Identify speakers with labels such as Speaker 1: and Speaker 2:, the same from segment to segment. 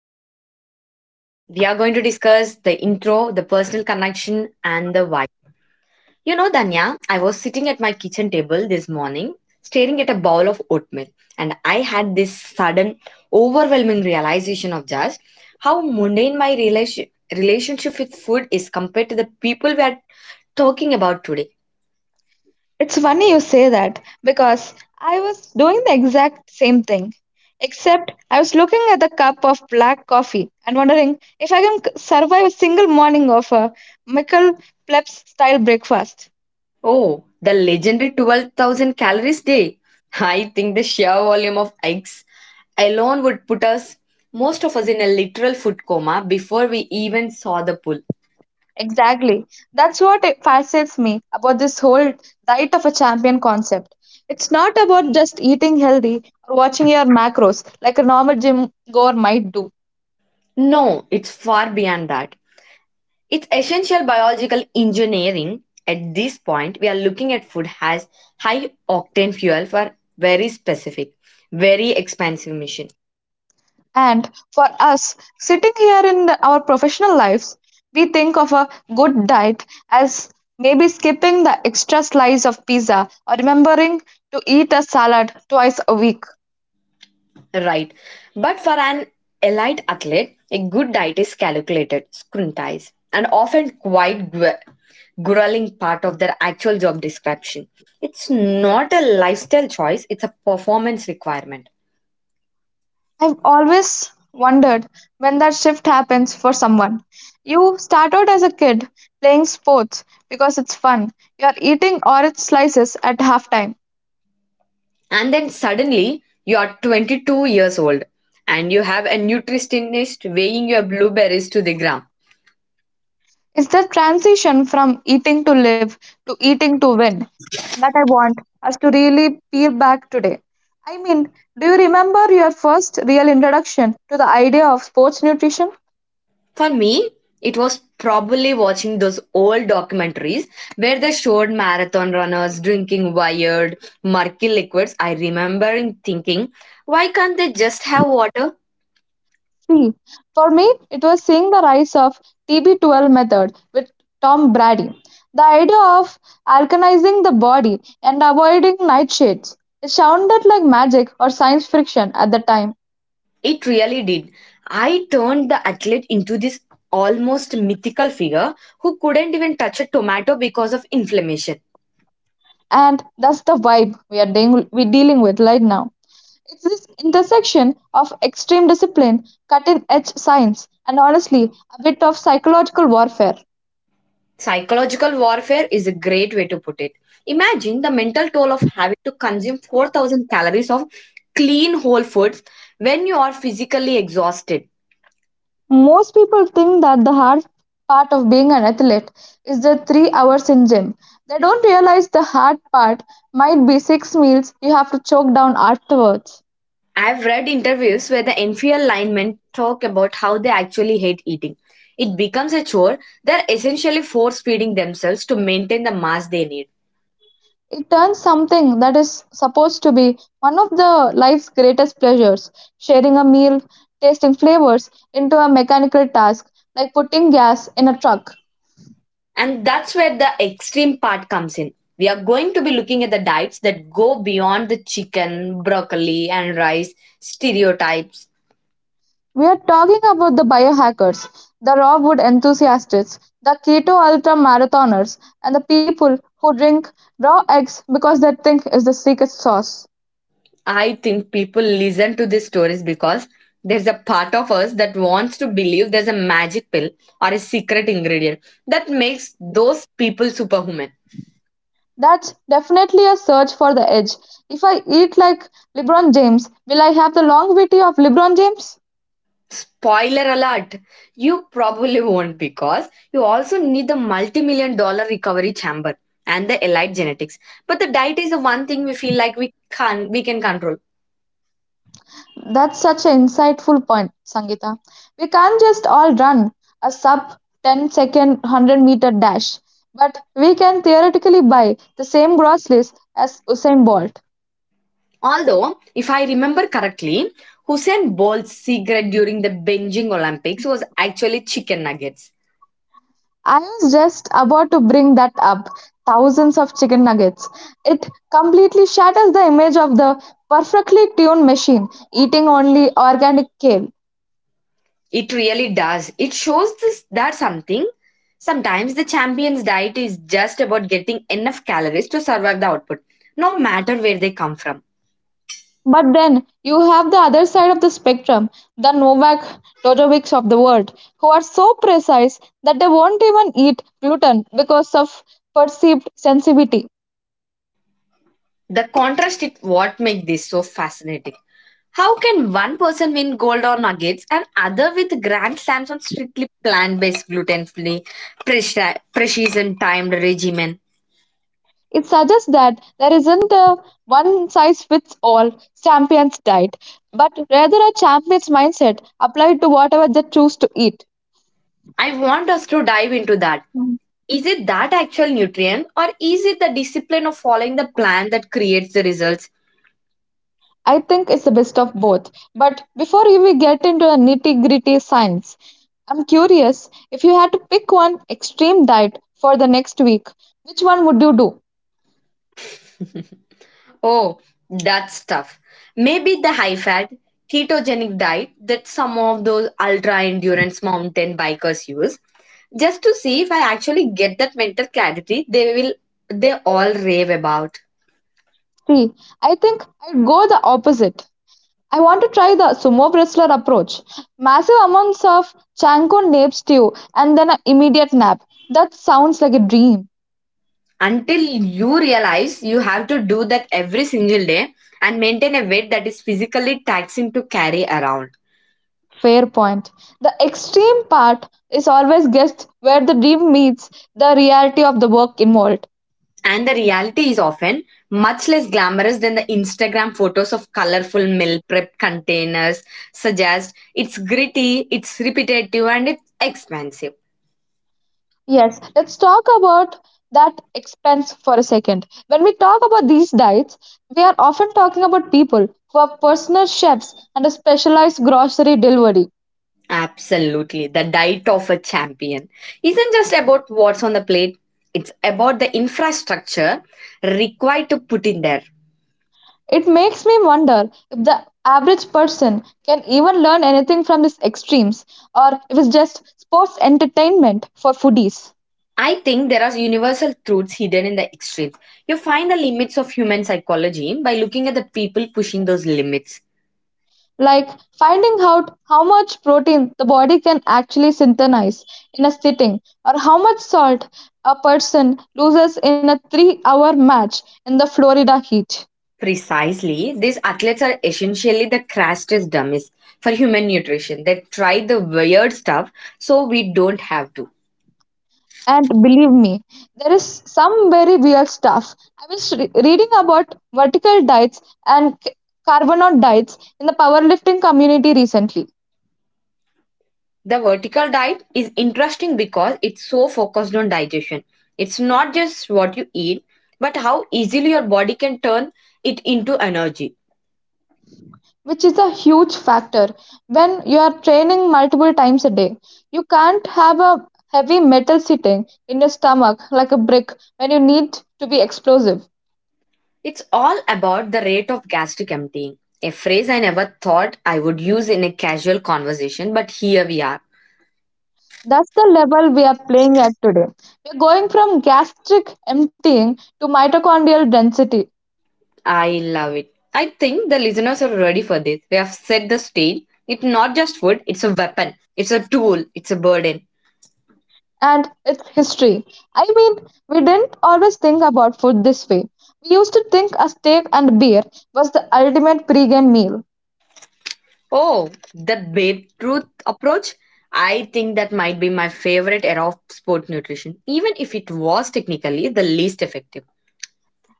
Speaker 1: So, the hook, we are going to discuss the intro, the personal connection, and the why. You know, Danya, I was sitting at my kitchen table this morning, staring at a bowl of oatmeal, and I had this sudden, overwhelming realization of just how mundane my relationship with food is compared to the people we are talking about today.
Speaker 2: It's funny you say that because I was doing the exact same thing. Except I was looking at the cup of black coffee and wondering if I can survive a single morning of a Michael Plebs style breakfast.
Speaker 1: Oh, the legendary 12,000 calories day. I think the sheer volume of eggs alone would put us, most of us, in a literal food coma before we even saw the pull.
Speaker 2: Exactly. That's what it fascinates me about this whole diet of a champion concept. It's not about just eating healthy or watching your macros like a normal gym goer might do.
Speaker 1: No, it's far beyond that. It's essential biological engineering. At this point, we are looking at food as high octane fuel for very specific, very expensive mission.
Speaker 2: And for us, sitting here in our professional lives, we think of a good diet as maybe skipping the extra slice of pizza or remembering to eat a salad twice a week.
Speaker 1: Right. But for an elite athlete, a good diet is calculated, scrutinized, and often quite grueling part of their actual job description. It's not a lifestyle choice, it's a performance requirement.
Speaker 2: I've always wondered when that shift happens for someone. You start out as a kid playing sports because it's fun. You're eating orange slices at halftime.
Speaker 1: And then suddenly you are 22 years old and you have a nutritionist weighing your blueberries to the gram.
Speaker 2: It's the transition from eating to live to eating to win that I want us to really peel back today. I mean, do you remember your first real introduction to the idea of sports nutrition?
Speaker 1: For me, it was probably watching those old documentaries where they showed marathon runners drinking wired, murky liquids. I remember in thinking, why can't they just have water?
Speaker 2: See, for me, it was seeing the rise of TB12 method with Tom Brady. The idea of alkalizing the body and avoiding nightshades. It sounded like magic or science fiction at the time,
Speaker 1: It really did. I turned the athlete into this almost mythical figure who couldn't even touch a tomato because of inflammation.
Speaker 2: and that's the vibe we are dealing with right now. It's this intersection of extreme discipline, cutting edge science, and honestly, a bit of psychological warfare.
Speaker 1: Psychological warfare is a great way to put it. Imagine the mental toll of having to consume 4,000 calories of clean whole foods when you are physically exhausted.
Speaker 2: Most people think that the hard part of being an athlete is the 3 hours in gym. They don't realize the hard part might be six meals you have to choke down afterwards.
Speaker 1: I've read interviews where the NFL linemen talk about how they actually hate eating. It becomes a chore. They're essentially force feeding themselves to maintain the mass they need.
Speaker 2: It turns something that is supposed to be one of the life's greatest pleasures, sharing a meal, tasting flavors, into a mechanical task like putting gas in a truck.
Speaker 1: And that's where the extreme part comes in. We are going to be looking at the diets that go beyond the chicken, broccoli, and rice stereotypes.
Speaker 2: We're talking about the biohackers, the raw food enthusiasts, the keto ultra marathoners, and the people who drink raw eggs because they think it's the secret sauce.
Speaker 1: I think people listen to these stories because there's a part of us that wants to believe there's a magic pill or a secret ingredient that makes those people superhuman.
Speaker 2: That's definitely a search for the edge. If I eat like LeBron James, will I have the longevity of LeBron James?
Speaker 1: Spoiler alert, you probably won't because you also need the multi million-dollar recovery chamber and the elite genetics. But the diet is the one thing we feel like we can control.
Speaker 2: That's such an insightful point, Sangeeta. We can't just all run a sub 10 second 100-meter dash, but we can theoretically buy the same groceries as Usain Bolt.
Speaker 1: Although, if I remember correctly, Hussein Bolt's secret during the binging Olympics was actually chicken nuggets.
Speaker 2: I was just about to bring that up. Thousands of chicken nuggets. It completely shatters the image of the perfectly tuned machine eating only organic kale.
Speaker 1: It really does. It shows this, that something. Sometimes the champion's diet is just about getting enough calories to survive the output, no matter where they come from.
Speaker 2: But then you have the other side of the spectrum, the Novak Djokovic of the world, who are so precise that they won't even eat gluten because of perceived sensitivity.
Speaker 1: The contrast is what makes this so fascinating. How can one person win gold or nuggets and other with grand slams on strictly plant-based, gluten-free, precision timed regimen?
Speaker 2: It suggests that there isn't a one size fits all champion's diet, but rather a champion's mindset applied to whatever they choose to eat.
Speaker 1: I want us to dive into that.
Speaker 2: Mm.
Speaker 1: Is it that actual nutrient or is it the discipline of following the plan that creates the results?
Speaker 2: I think it's the best of both. But before we get into the nitty gritty science, I'm curious if you had to pick one extreme diet for the next week, which one would you do?
Speaker 1: Oh, that's tough. Maybe the high fat ketogenic diet that some of those ultra endurance mountain bikers use just to see if I actually get that mental clarity they all rave about.
Speaker 2: See, I think I'd go the opposite. I want to try the sumo wrestler approach. Massive amounts of Chanko nape stew and then an immediate nap. That sounds like a dream.
Speaker 1: Until you realize you have to do that every single day and maintain a weight that is physically taxing to carry around.
Speaker 2: Fair point. The extreme part is always guessed where the dream meets the reality of the work involved.
Speaker 1: And the reality is often much less glamorous than the Instagram photos of colorful meal prep containers suggest. It's gritty, it's repetitive, and it's expensive.
Speaker 2: Yes, let's talk about that expense for a second. When we talk about these diets, we are often talking about people who are personal chefs and a specialized grocery delivery.
Speaker 1: Absolutely. The diet of a champion isn't just about what's on the plate, it's about the infrastructure required to put in there.
Speaker 2: It makes me wonder if the average person can even learn anything from these extremes, or if it's just sports entertainment for foodies.
Speaker 1: I think there are universal truths hidden in the extremes. You find the limits of human psychology by looking at the people pushing those limits.
Speaker 2: Like finding out how much protein the body can actually synthesize in a sitting, or how much salt a person loses in a 3 hour match in the Florida heat.
Speaker 1: Precisely, these athletes are essentially the crashest dummies for human nutrition. They try the weird stuff so we don't have to.
Speaker 2: And believe me, there is some very weird stuff. I was reading about vertical diets and carbonaut diets in the powerlifting community recently,
Speaker 1: The vertical diet is interesting because it's so focused on digestion. It's not just what you eat, but how easily your body can turn it into energy.
Speaker 2: which is a huge factor when you are training multiple times a day. You can't have a heavy metal sitting in your stomach like a brick when you need to be explosive.
Speaker 1: It's all about the rate of gastric emptying, a phrase I never thought I would use in a casual conversation, but here we are.
Speaker 2: That's the level we are playing at today. We're going from gastric emptying to mitochondrial density
Speaker 1: I love it. I think the listeners are ready for this. We have set the stage. It's not just food, it's a weapon, it's a tool, it's a burden.
Speaker 2: and its history. I mean, we didn't always think about food this way. We used to think a steak and beer was the ultimate pregame meal.
Speaker 1: Oh, the Babe Ruth approach? I think that might be my favorite era of sport nutrition, even if it was technically the least effective.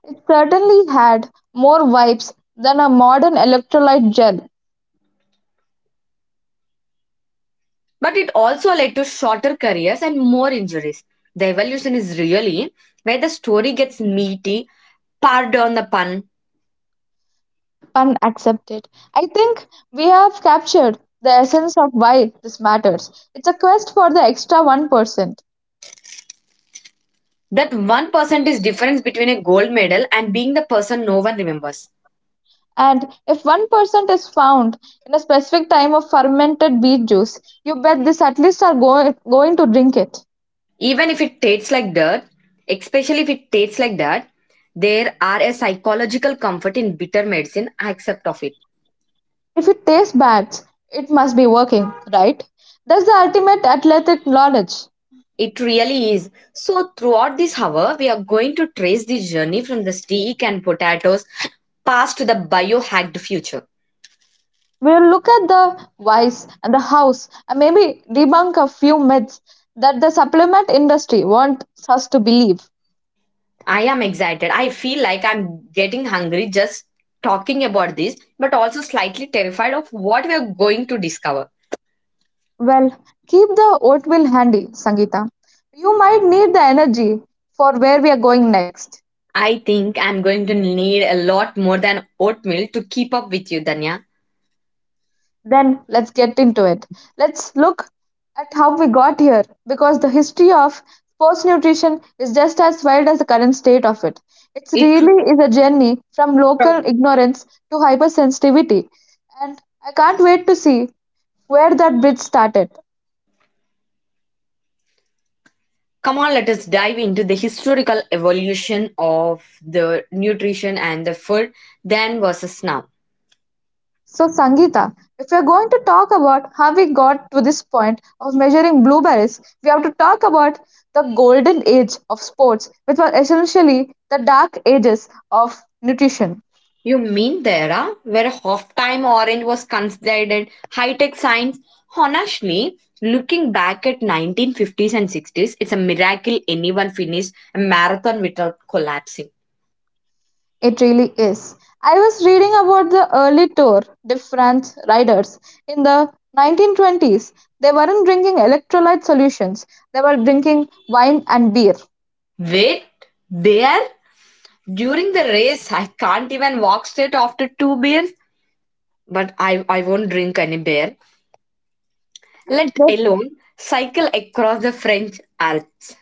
Speaker 2: It certainly had more vibes than a modern electrolyte gel.
Speaker 1: But it also led to shorter careers and more injuries. The evolution is really where the story gets meaty, pardon the pun.
Speaker 2: Pun accepted. I think we have captured the essence of why this matters. It's a quest for the extra 1%.
Speaker 1: That 1% is difference between a gold medal and being the person no one remembers.
Speaker 2: And if 1% is found in a specific time of fermented beet juice, you bet these athletes are going to drink it.
Speaker 1: Even if it tastes like dirt, especially if it tastes like that, there are a psychological comfort in bitter medicine I accept of it.
Speaker 2: If it tastes bad, it must be working, right? That's the ultimate athletic knowledge.
Speaker 1: It really is. So throughout this hour we are going to trace this journey from the steak and potatoes past to the biohacked future.
Speaker 2: We'll look at the whys and the hows and maybe debunk a few myths that the supplement industry wants us to believe.
Speaker 1: I am excited. I feel like I'm getting hungry just talking about this, but also slightly terrified of what we are going to discover.
Speaker 2: Well, keep the oatmeal handy, Sangeeta. You might need the energy for where we are going next.
Speaker 1: I think I'm going to need a lot more than oatmeal to keep up with you, Danya.
Speaker 2: Then let's get into it. Let's look at how we got here because the history of sports nutrition is just as wild as the current state of it. It
Speaker 1: It
Speaker 2: really is a journey from local ignorance to hypersensitivity, and I can't wait to see where that bridge started.
Speaker 1: Come on, let us dive into the historical evolution of the nutrition and the food then versus now.
Speaker 2: So, Sangeeta, if we are going to talk about how we got to this point of measuring blueberries, we have to talk about the golden age of sports, which were essentially the dark ages of nutrition.
Speaker 1: You mean the era where half-time orange was considered high-tech science? Honestly, looking back at 1950s and 60s, it's a miracle anyone finished a marathon without collapsing.
Speaker 2: It really is. I was reading about the early Tour de France riders in the 1920s. They weren't drinking electrolyte solutions, they were drinking wine and beer.
Speaker 1: Wait, there? During the race, I can't even walk straight after two beers, but I won't drink any beer, let
Speaker 2: Their,
Speaker 1: alone cycle across the French Alps.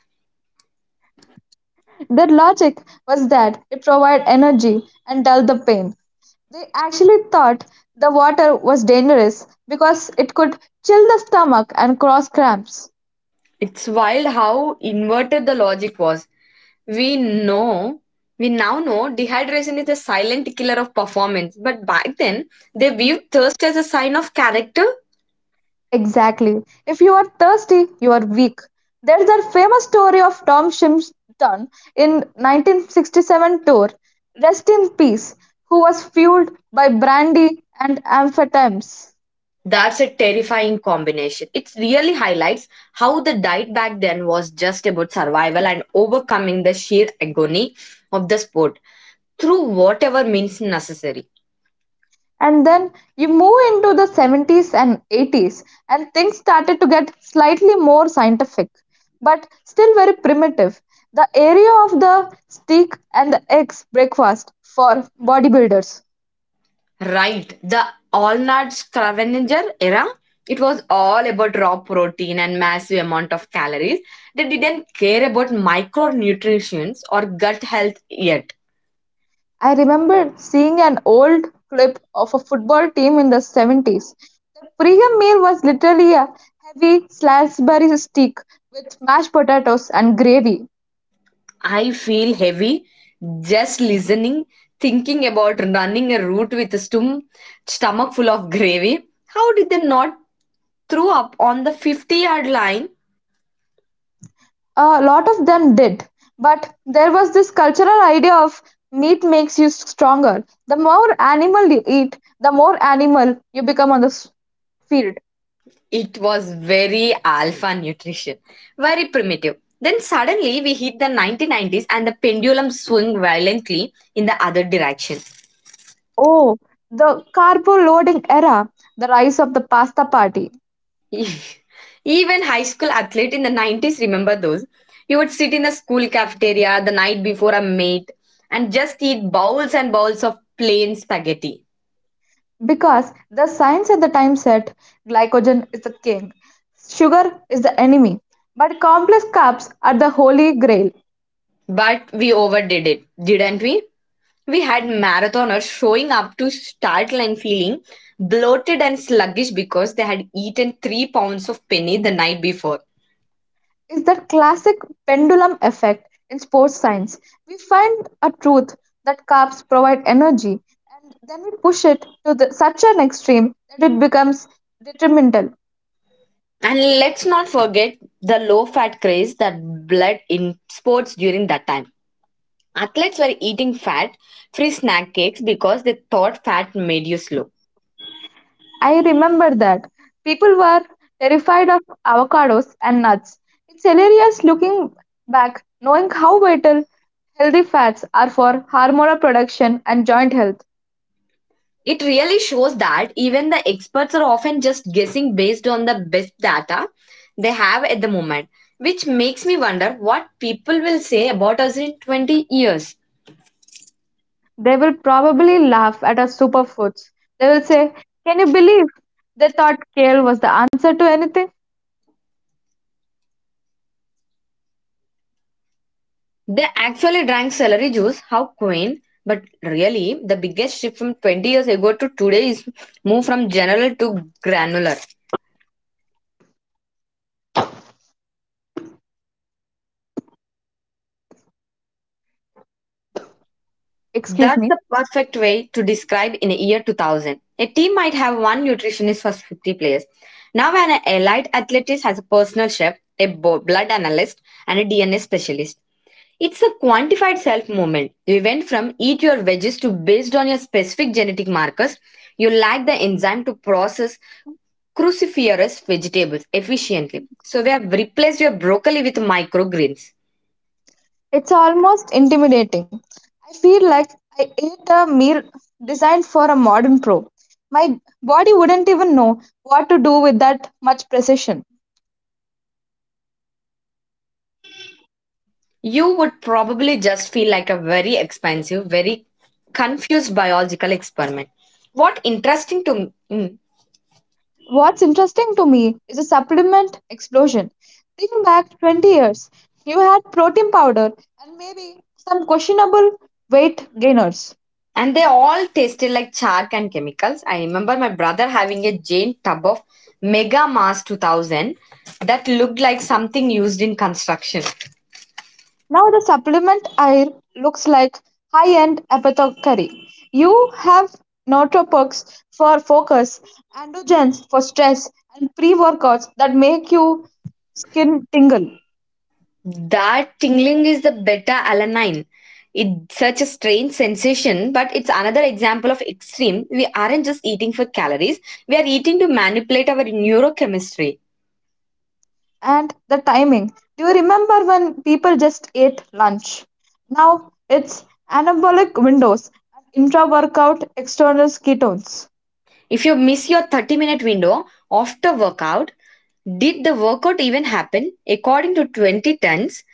Speaker 2: their logic was that it provided energy and dulled the pain. They actually thought the water was dangerous because it could chill the stomach and cause cramps.
Speaker 1: It's wild how inverted the logic was. We know, we now know dehydration is the silent killer of performance, but back then they viewed thirst as a sign of character.
Speaker 2: Exactly. If you are thirsty, you are weak. There's that famous story of Tom Shimpton in 1967 tour, rest in peace, who was fueled by brandy and amphetamines.
Speaker 1: That's a terrifying combination. It really highlights how the diet back then was just about survival and overcoming the sheer agony of the sport through whatever means necessary.
Speaker 2: And then you move into the 70s and 80s, and things started to get slightly more scientific, but still very primitive. The area of the steak and the eggs breakfast for bodybuilders.
Speaker 1: Right. The all-nut scavenger era, it was all about raw protein and massive amount of calories. They didn't care about micronutrients or gut health yet.
Speaker 2: I remember seeing an old clip of a football team in the 70s. The pre-game meal was literally a heavy Salisbury steak with mashed potatoes and gravy.
Speaker 1: I feel heavy just listening, thinking about running a route with a stomach full of gravy. How did they not throw up on the 50-yard line?
Speaker 2: A lot of them did. But there was this cultural idea of meat makes you stronger. The more animal you eat, the more animal you become on the field.
Speaker 1: It was very alpha nutrition, very primitive. Then suddenly we hit the 1990s and the pendulum swung violently in the other direction.
Speaker 2: Oh, the carbo loading era, the rise of the pasta party.
Speaker 1: Even high school athlete in the 90s remember those. You would sit in the school cafeteria the night before a meet and just eat bowls and bowls of plain spaghetti.
Speaker 2: Because the science at the time said glycogen is the king, sugar is the enemy, but complex carbs are the holy grail.
Speaker 1: But we overdid it, didn't we? We had marathoners showing up to start line feeling bloated and sluggish because they had eaten three pounds of penny the night before.
Speaker 2: Is that classic pendulum effect in sports science. We find a truth that carbs provide energy, and then we push it to such an extreme that it becomes detrimental.
Speaker 1: And let's not forget the low fat craze that bled in sports during that time. Athletes were eating fat free snack cakes because they thought fat made you slow.
Speaker 2: I remember that people were terrified of avocados and nuts. It's hilarious looking back, knowing how vital healthy fats are for hormonal production and joint health.
Speaker 1: It really shows that even the experts are often just guessing based on the best data they have at the moment, which makes me wonder what people will say about us in 20 years.
Speaker 2: They will probably laugh at our superfoods. They will say, "Can you believe they thought kale was the answer to anything?"
Speaker 1: They actually drank celery juice, how quaint. But really, the biggest shift from 20 years ago to today is move from general to granular.
Speaker 2: Excuse
Speaker 1: That's
Speaker 2: me.
Speaker 1: the perfect way to describe in a year 2000. A team might have one nutritionist for 50 players. Now, when an elite athlete has a personal chef, a blood analyst, and a DNA specialist, it's a quantified self movement. We went from eat your veggies to based on your specific genetic markers, you lack the enzyme to process cruciferous vegetables efficiently. So, we have replaced your broccoli with microgreens.
Speaker 2: It's almost intimidating. I feel like I ate a meal designed for a modern pro. My body wouldn't even know what to do with that much precision.
Speaker 1: You would probably just feel like a very expensive, very confused biological experiment. What interesting to me. Mm.
Speaker 2: What's interesting to me is a supplement explosion. Think back 20 years, you had protein powder and maybe some questionable weight gainers.
Speaker 1: And they all tasted like chalk and chemicals. I remember my brother having a giant tub of Mega Mars 2000 that looked like something used in construction.
Speaker 2: Now the supplement aisle looks like high-end apothecary. You have nootropics for focus, androgens for stress, and pre-workouts that make you skin tingle.
Speaker 1: That tingling is the beta alanine. It's such a strange sensation, but it's another example of extreme. We aren't just eating for calories, we are eating to manipulate our neurochemistry.
Speaker 2: And the timing. Do you remember when people just ate lunch? Now it's anabolic windows, intra-workout external ketones.
Speaker 1: If you miss your 30-minute window after workout, did the workout even happen? According to 2010's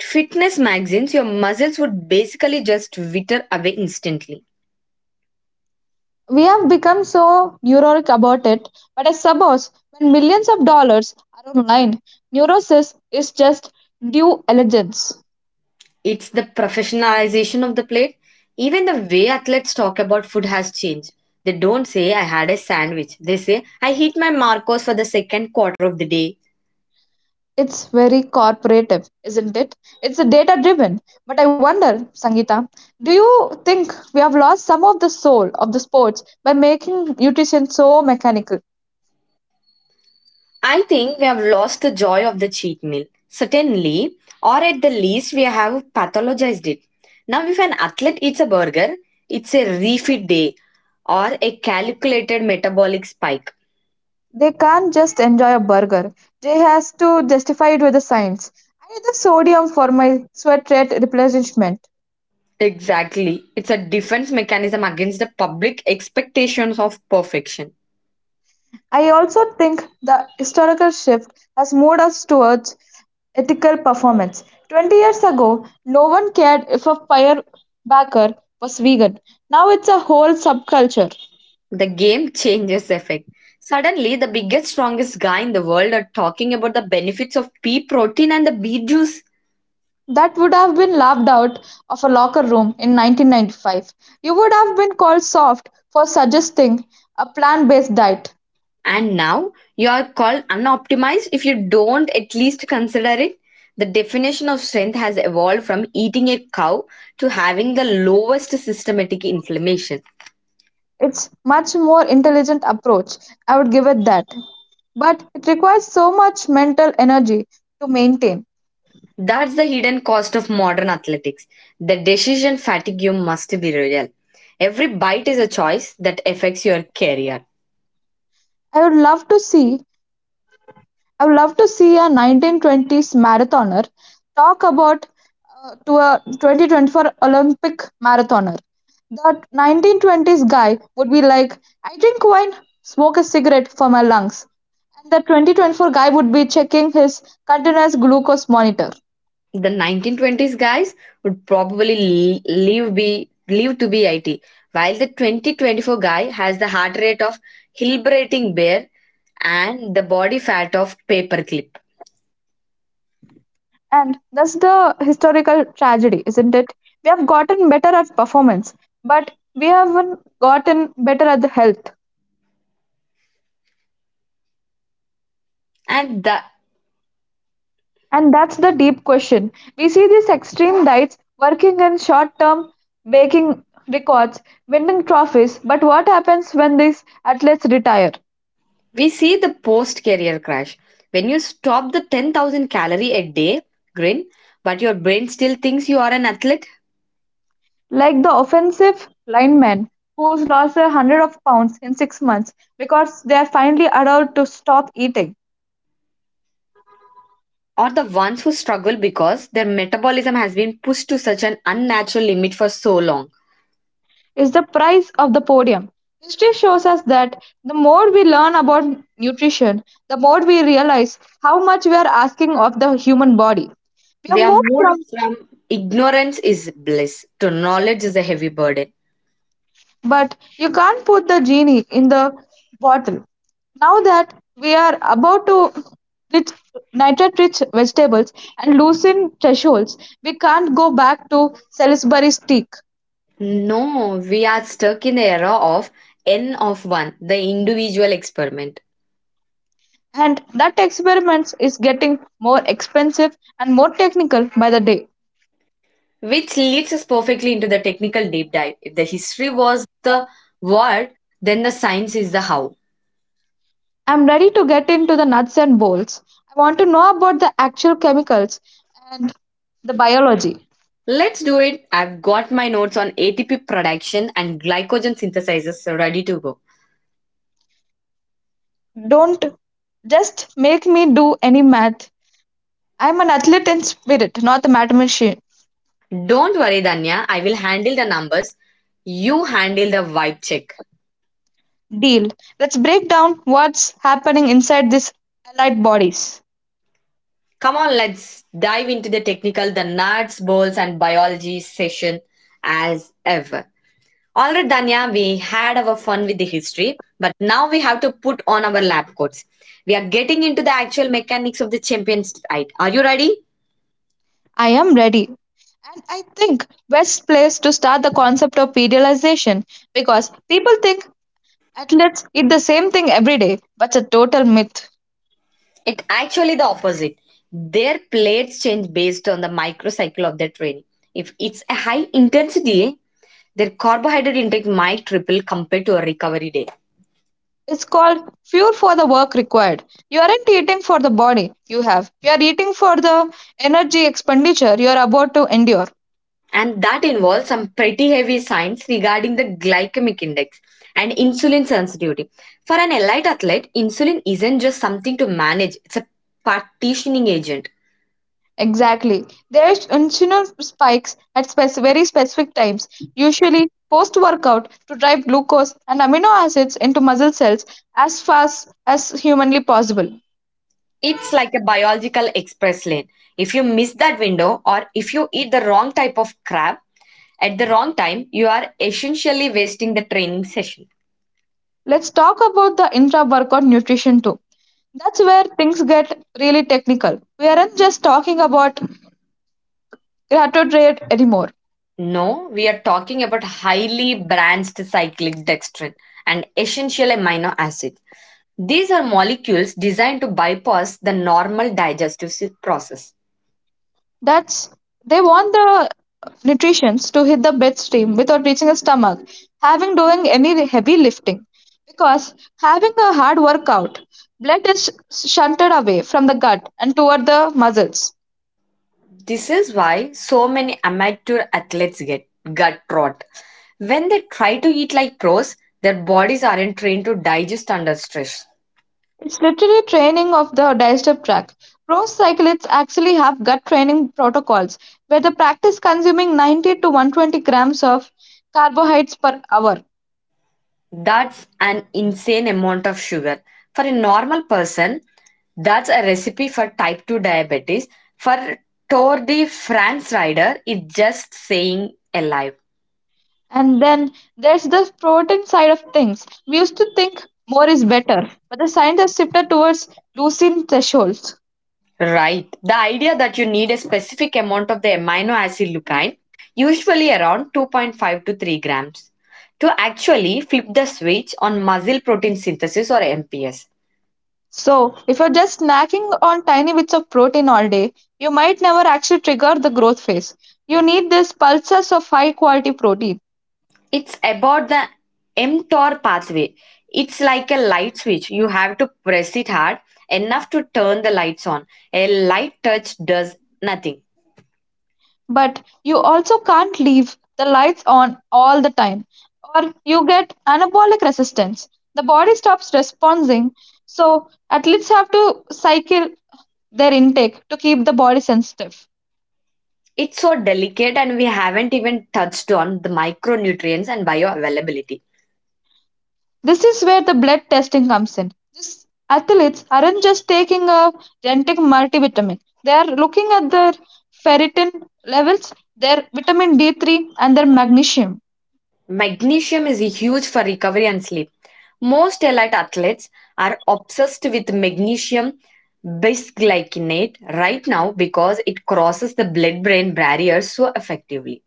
Speaker 1: fitness magazines, your muscles would basically just wither away instantly.
Speaker 2: We have become so neurotic about it, but I suppose when millions of dollars are online, neurosis is just due diligence.
Speaker 1: It's the professionalization of the plate. Even the way athletes talk about food has changed. They don't say, I had a sandwich. They say, I hit my Marcos for the second quarter of the day.
Speaker 2: It's very corporative, isn't it? It's data driven. But I wonder, Sangeeta, do you think we have lost some of the soul of the sports by making nutrition so mechanical?
Speaker 1: I think we have lost the joy of the cheat meal, certainly, or at the least, we have pathologized it. Now, if an athlete eats a burger, it's a refit day or a calculated metabolic spike.
Speaker 2: They can't just enjoy a burger. They has to justify it with the science. I need the sodium for my sweat rate replenishment.
Speaker 1: Exactly. It's a defense mechanism against the public expectations of perfection.
Speaker 2: I also think the historical shift has moved us towards ethical performance. 20 years ago, no one cared if a firebacker was vegan. Now it's a whole subculture.
Speaker 1: The game changes effect. Suddenly, the biggest, strongest guy in the world are talking about the benefits of pea protein and the beet juice.
Speaker 2: That would have been laughed out of a locker room in 1995. You would have been called soft for suggesting a plant based diet.
Speaker 1: And now you are called unoptimized if you don't at least consider it. The definition of strength has evolved from eating a cow to having the lowest systematic inflammation.
Speaker 2: It's much more intelligent approach. I would give it that. But it requires so much mental energy to maintain.
Speaker 1: That's the hidden cost of modern athletics. The decision fatigue you must be real. Every bite is a choice that affects your career.
Speaker 2: I would love to see I would love to see a 1920s marathoner talk about to a 2024 Olympic marathoner. That 1920s guy would be like, I drink wine, smoke a cigarette for my lungs. And the 2024 guy would be checking his continuous glucose monitor.
Speaker 1: The 1920s guys would probably live to be IT, while the 2024 guy has the heart rate of hibernating bear and the body fat of paperclip.
Speaker 2: And that's the historical tragedy, isn't it? We have gotten better at performance, but we haven't gotten better at the health.
Speaker 1: And the
Speaker 2: And that's the deep question. We see these extreme diets working in short term, making records, winning trophies, but what happens when these athletes retire?
Speaker 1: We see the post career crash when you stop the 10,000 calorie a day grin, but your brain still thinks you are an athlete.
Speaker 2: Like the offensive lineman who's lost 100 of pounds in 6 months because they are finally allowed to stop eating
Speaker 1: Or the ones who struggle because their metabolism has been pushed to such an unnatural limit for so long.
Speaker 2: is the price of the podium. History shows us that the more we learn about nutrition, the more we realize how much we are asking of the human body. We have
Speaker 1: We are
Speaker 2: moved from
Speaker 1: moved from ignorance is bliss to knowledge is a heavy burden.
Speaker 2: But you can't put the genie in the bottle. Now that we are about to rich nitrate rich vegetables and loosen thresholds, we can't go back to Salisbury steak.
Speaker 1: No, we are stuck in the era of N of 1, the individual experiment,
Speaker 2: And that experiment is getting more expensive and more technical by the day.
Speaker 1: which leads us perfectly into the technical deep dive. If the history was the what, then the science is the how.
Speaker 2: I'm ready to get into the nuts and bolts. I want to know about the actual chemicals and the biology.
Speaker 1: Let's do it. I've got my notes on ATP production and glycogen synthesizers ready to go.
Speaker 2: Don't just make me do any math. I'm an athlete in spirit, not a mathematician.
Speaker 1: Don't worry, Danya, I will handle the numbers. You handle the vibe check.
Speaker 2: Deal. Let's break down what's happening inside these allied bodies.
Speaker 1: Come on, let's dive into the technical, the nuts, bolts, and biology session as ever. All right, Danya, we had our fun with the history, but now we have to put on our lab coats. We are getting into the actual mechanics of the champions fight. Are you ready?
Speaker 2: I am ready. And I think best place to start the concept of periodization because people think athletes eat the same thing every day, but it's a total myth.
Speaker 1: It actually the opposite. Their plates change based on the microcycle of their training. If it's a high intensity, their carbohydrate intake might triple compared to a recovery day.
Speaker 2: It's called fuel for the work required. You aren't eating for the body you have. You are eating for the energy expenditure you are about to endure.
Speaker 1: And that involves some pretty heavy science regarding the glycemic index and insulin sensitivity. For an elite athlete, insulin isn't just something to manage, it's a partitioning agent.
Speaker 2: Exactly. There are insulin spikes at very specific times, usually post workout, to drive glucose and amino acids into muscle cells as fast as humanly possible.
Speaker 1: It's like a biological express lane. If you miss that window or if you eat the wrong type of crab at the wrong time, you are essentially wasting the training session.
Speaker 2: Let's talk about the intra workout nutrition too. That's where things get really technical. We aren't just talking about carbohydrate anymore.
Speaker 1: No, we are talking about highly branched cyclic dextrin, an essential amino acid. These are molecules designed to bypass the normal process.
Speaker 2: That's They want the nutrients to hit the bloodstream without reaching the stomach, having doing any heavy lifting. Because having a hard workout, blood is shunted away from the gut and toward the muscles.
Speaker 1: This is why so many amateur athletes get gut rot. When they try to eat like pros, their bodies aren't trained to digest under stress.
Speaker 2: It's literally training of the digestive tract. Pro cyclists actually have gut training protocols where they practice consuming 90 to 120 grams of carbohydrates per hour.
Speaker 1: That's an insane amount of sugar. For a normal person, that's a recipe for type 2 diabetes. For Tour de France rider, it's just saying alive.
Speaker 2: And then there's the protein side of things. We used to think more is better, but the science has shifted towards leucine thresholds.
Speaker 1: Right. The idea that you need a specific amount of the amino acid leucine, usually around 2.5 to 3 grams, to actually flip the switch on muscle protein synthesis or MPS.
Speaker 2: So, if you're just snacking on tiny bits of protein all day, you might never actually trigger the growth phase. You need these pulses of high quality protein,
Speaker 1: It's about the mTOR pathway. It's like a light switch. You have to press it hard enough to turn the lights on. A light touch does nothing.
Speaker 2: but you also can't leave the lights on all the time, or you get anabolic resistance. The body stops responding, so athletes have to cycle their intake to keep the body sensitive.
Speaker 1: It's so delicate, and we haven't even touched on the micronutrients and bioavailability.
Speaker 2: This is where the blood testing comes in. These athletes aren't just taking a generic multivitamin, they are looking at their ferritin levels, their vitamin D3, and their magnesium
Speaker 1: Magnesium is huge for recovery and sleep. Most elite athletes are obsessed with magnesium bisglycinate right now because it crosses the blood brain barrier so effectively.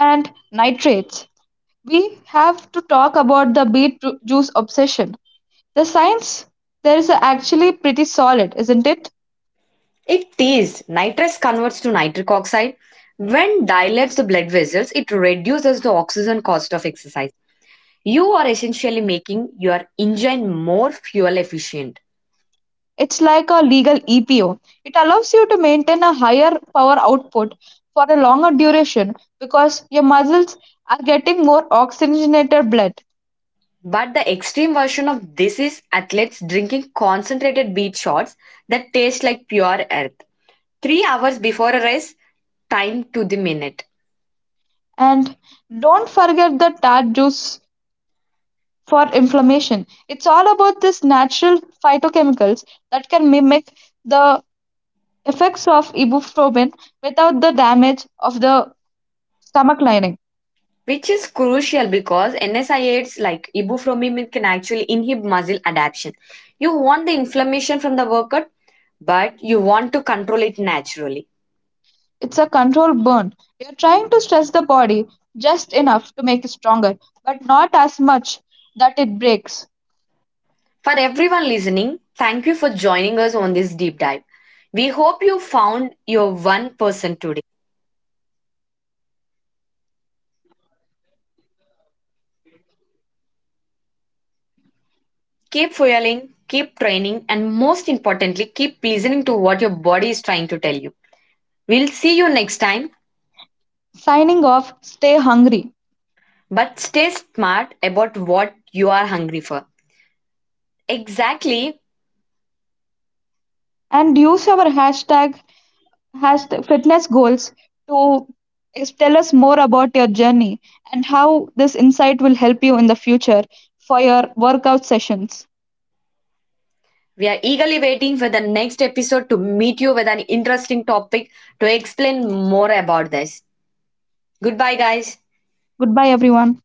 Speaker 2: and nitrates. We have to talk about the beet juice obsession. The science there is actually pretty solid, isn't it?
Speaker 1: It is nitrous converts to nitric oxide. When dilates the blood vessels, it reduces the oxygen cost of exercise. You are essentially making your engine more fuel efficient.
Speaker 2: It's like a legal EPO. It allows you to maintain a higher power output for a longer duration because your muscles are getting more oxygenated blood.
Speaker 1: But the extreme version of this is athletes drinking concentrated beet shots that taste like pure earth. 3 hours before a race, time to the minute,
Speaker 2: And don't forget the tart juice for inflammation. It's all about these natural phytochemicals that can mimic the effects of ibuprofen without the damage of the stomach lining.
Speaker 1: which is crucial because NSAIDs like ibuprofen can actually inhibit muscle adaptation. You want the inflammation from the workout, but you want to control it naturally.
Speaker 2: It's a controlled burn. You're trying to stress the body just enough to make it stronger, but not as much that it breaks.
Speaker 1: For everyone listening, thank you for joining us on this deep dive. We hope you found your one person today. Keep fueling, keep training, and most importantly, keep listening to what your body is trying to tell you. We'll see you next time,
Speaker 2: Signing off, stay hungry
Speaker 1: but stay smart about what you are hungry for. Exactly.
Speaker 2: and use our hashtag, #FitnessGoals to tell us more about your journey and how this insight will help you in the future for your workout sessions.
Speaker 1: We are eagerly waiting for the next episode to meet you with an interesting topic to explain more about this. Goodbye, guys.
Speaker 2: Goodbye, everyone.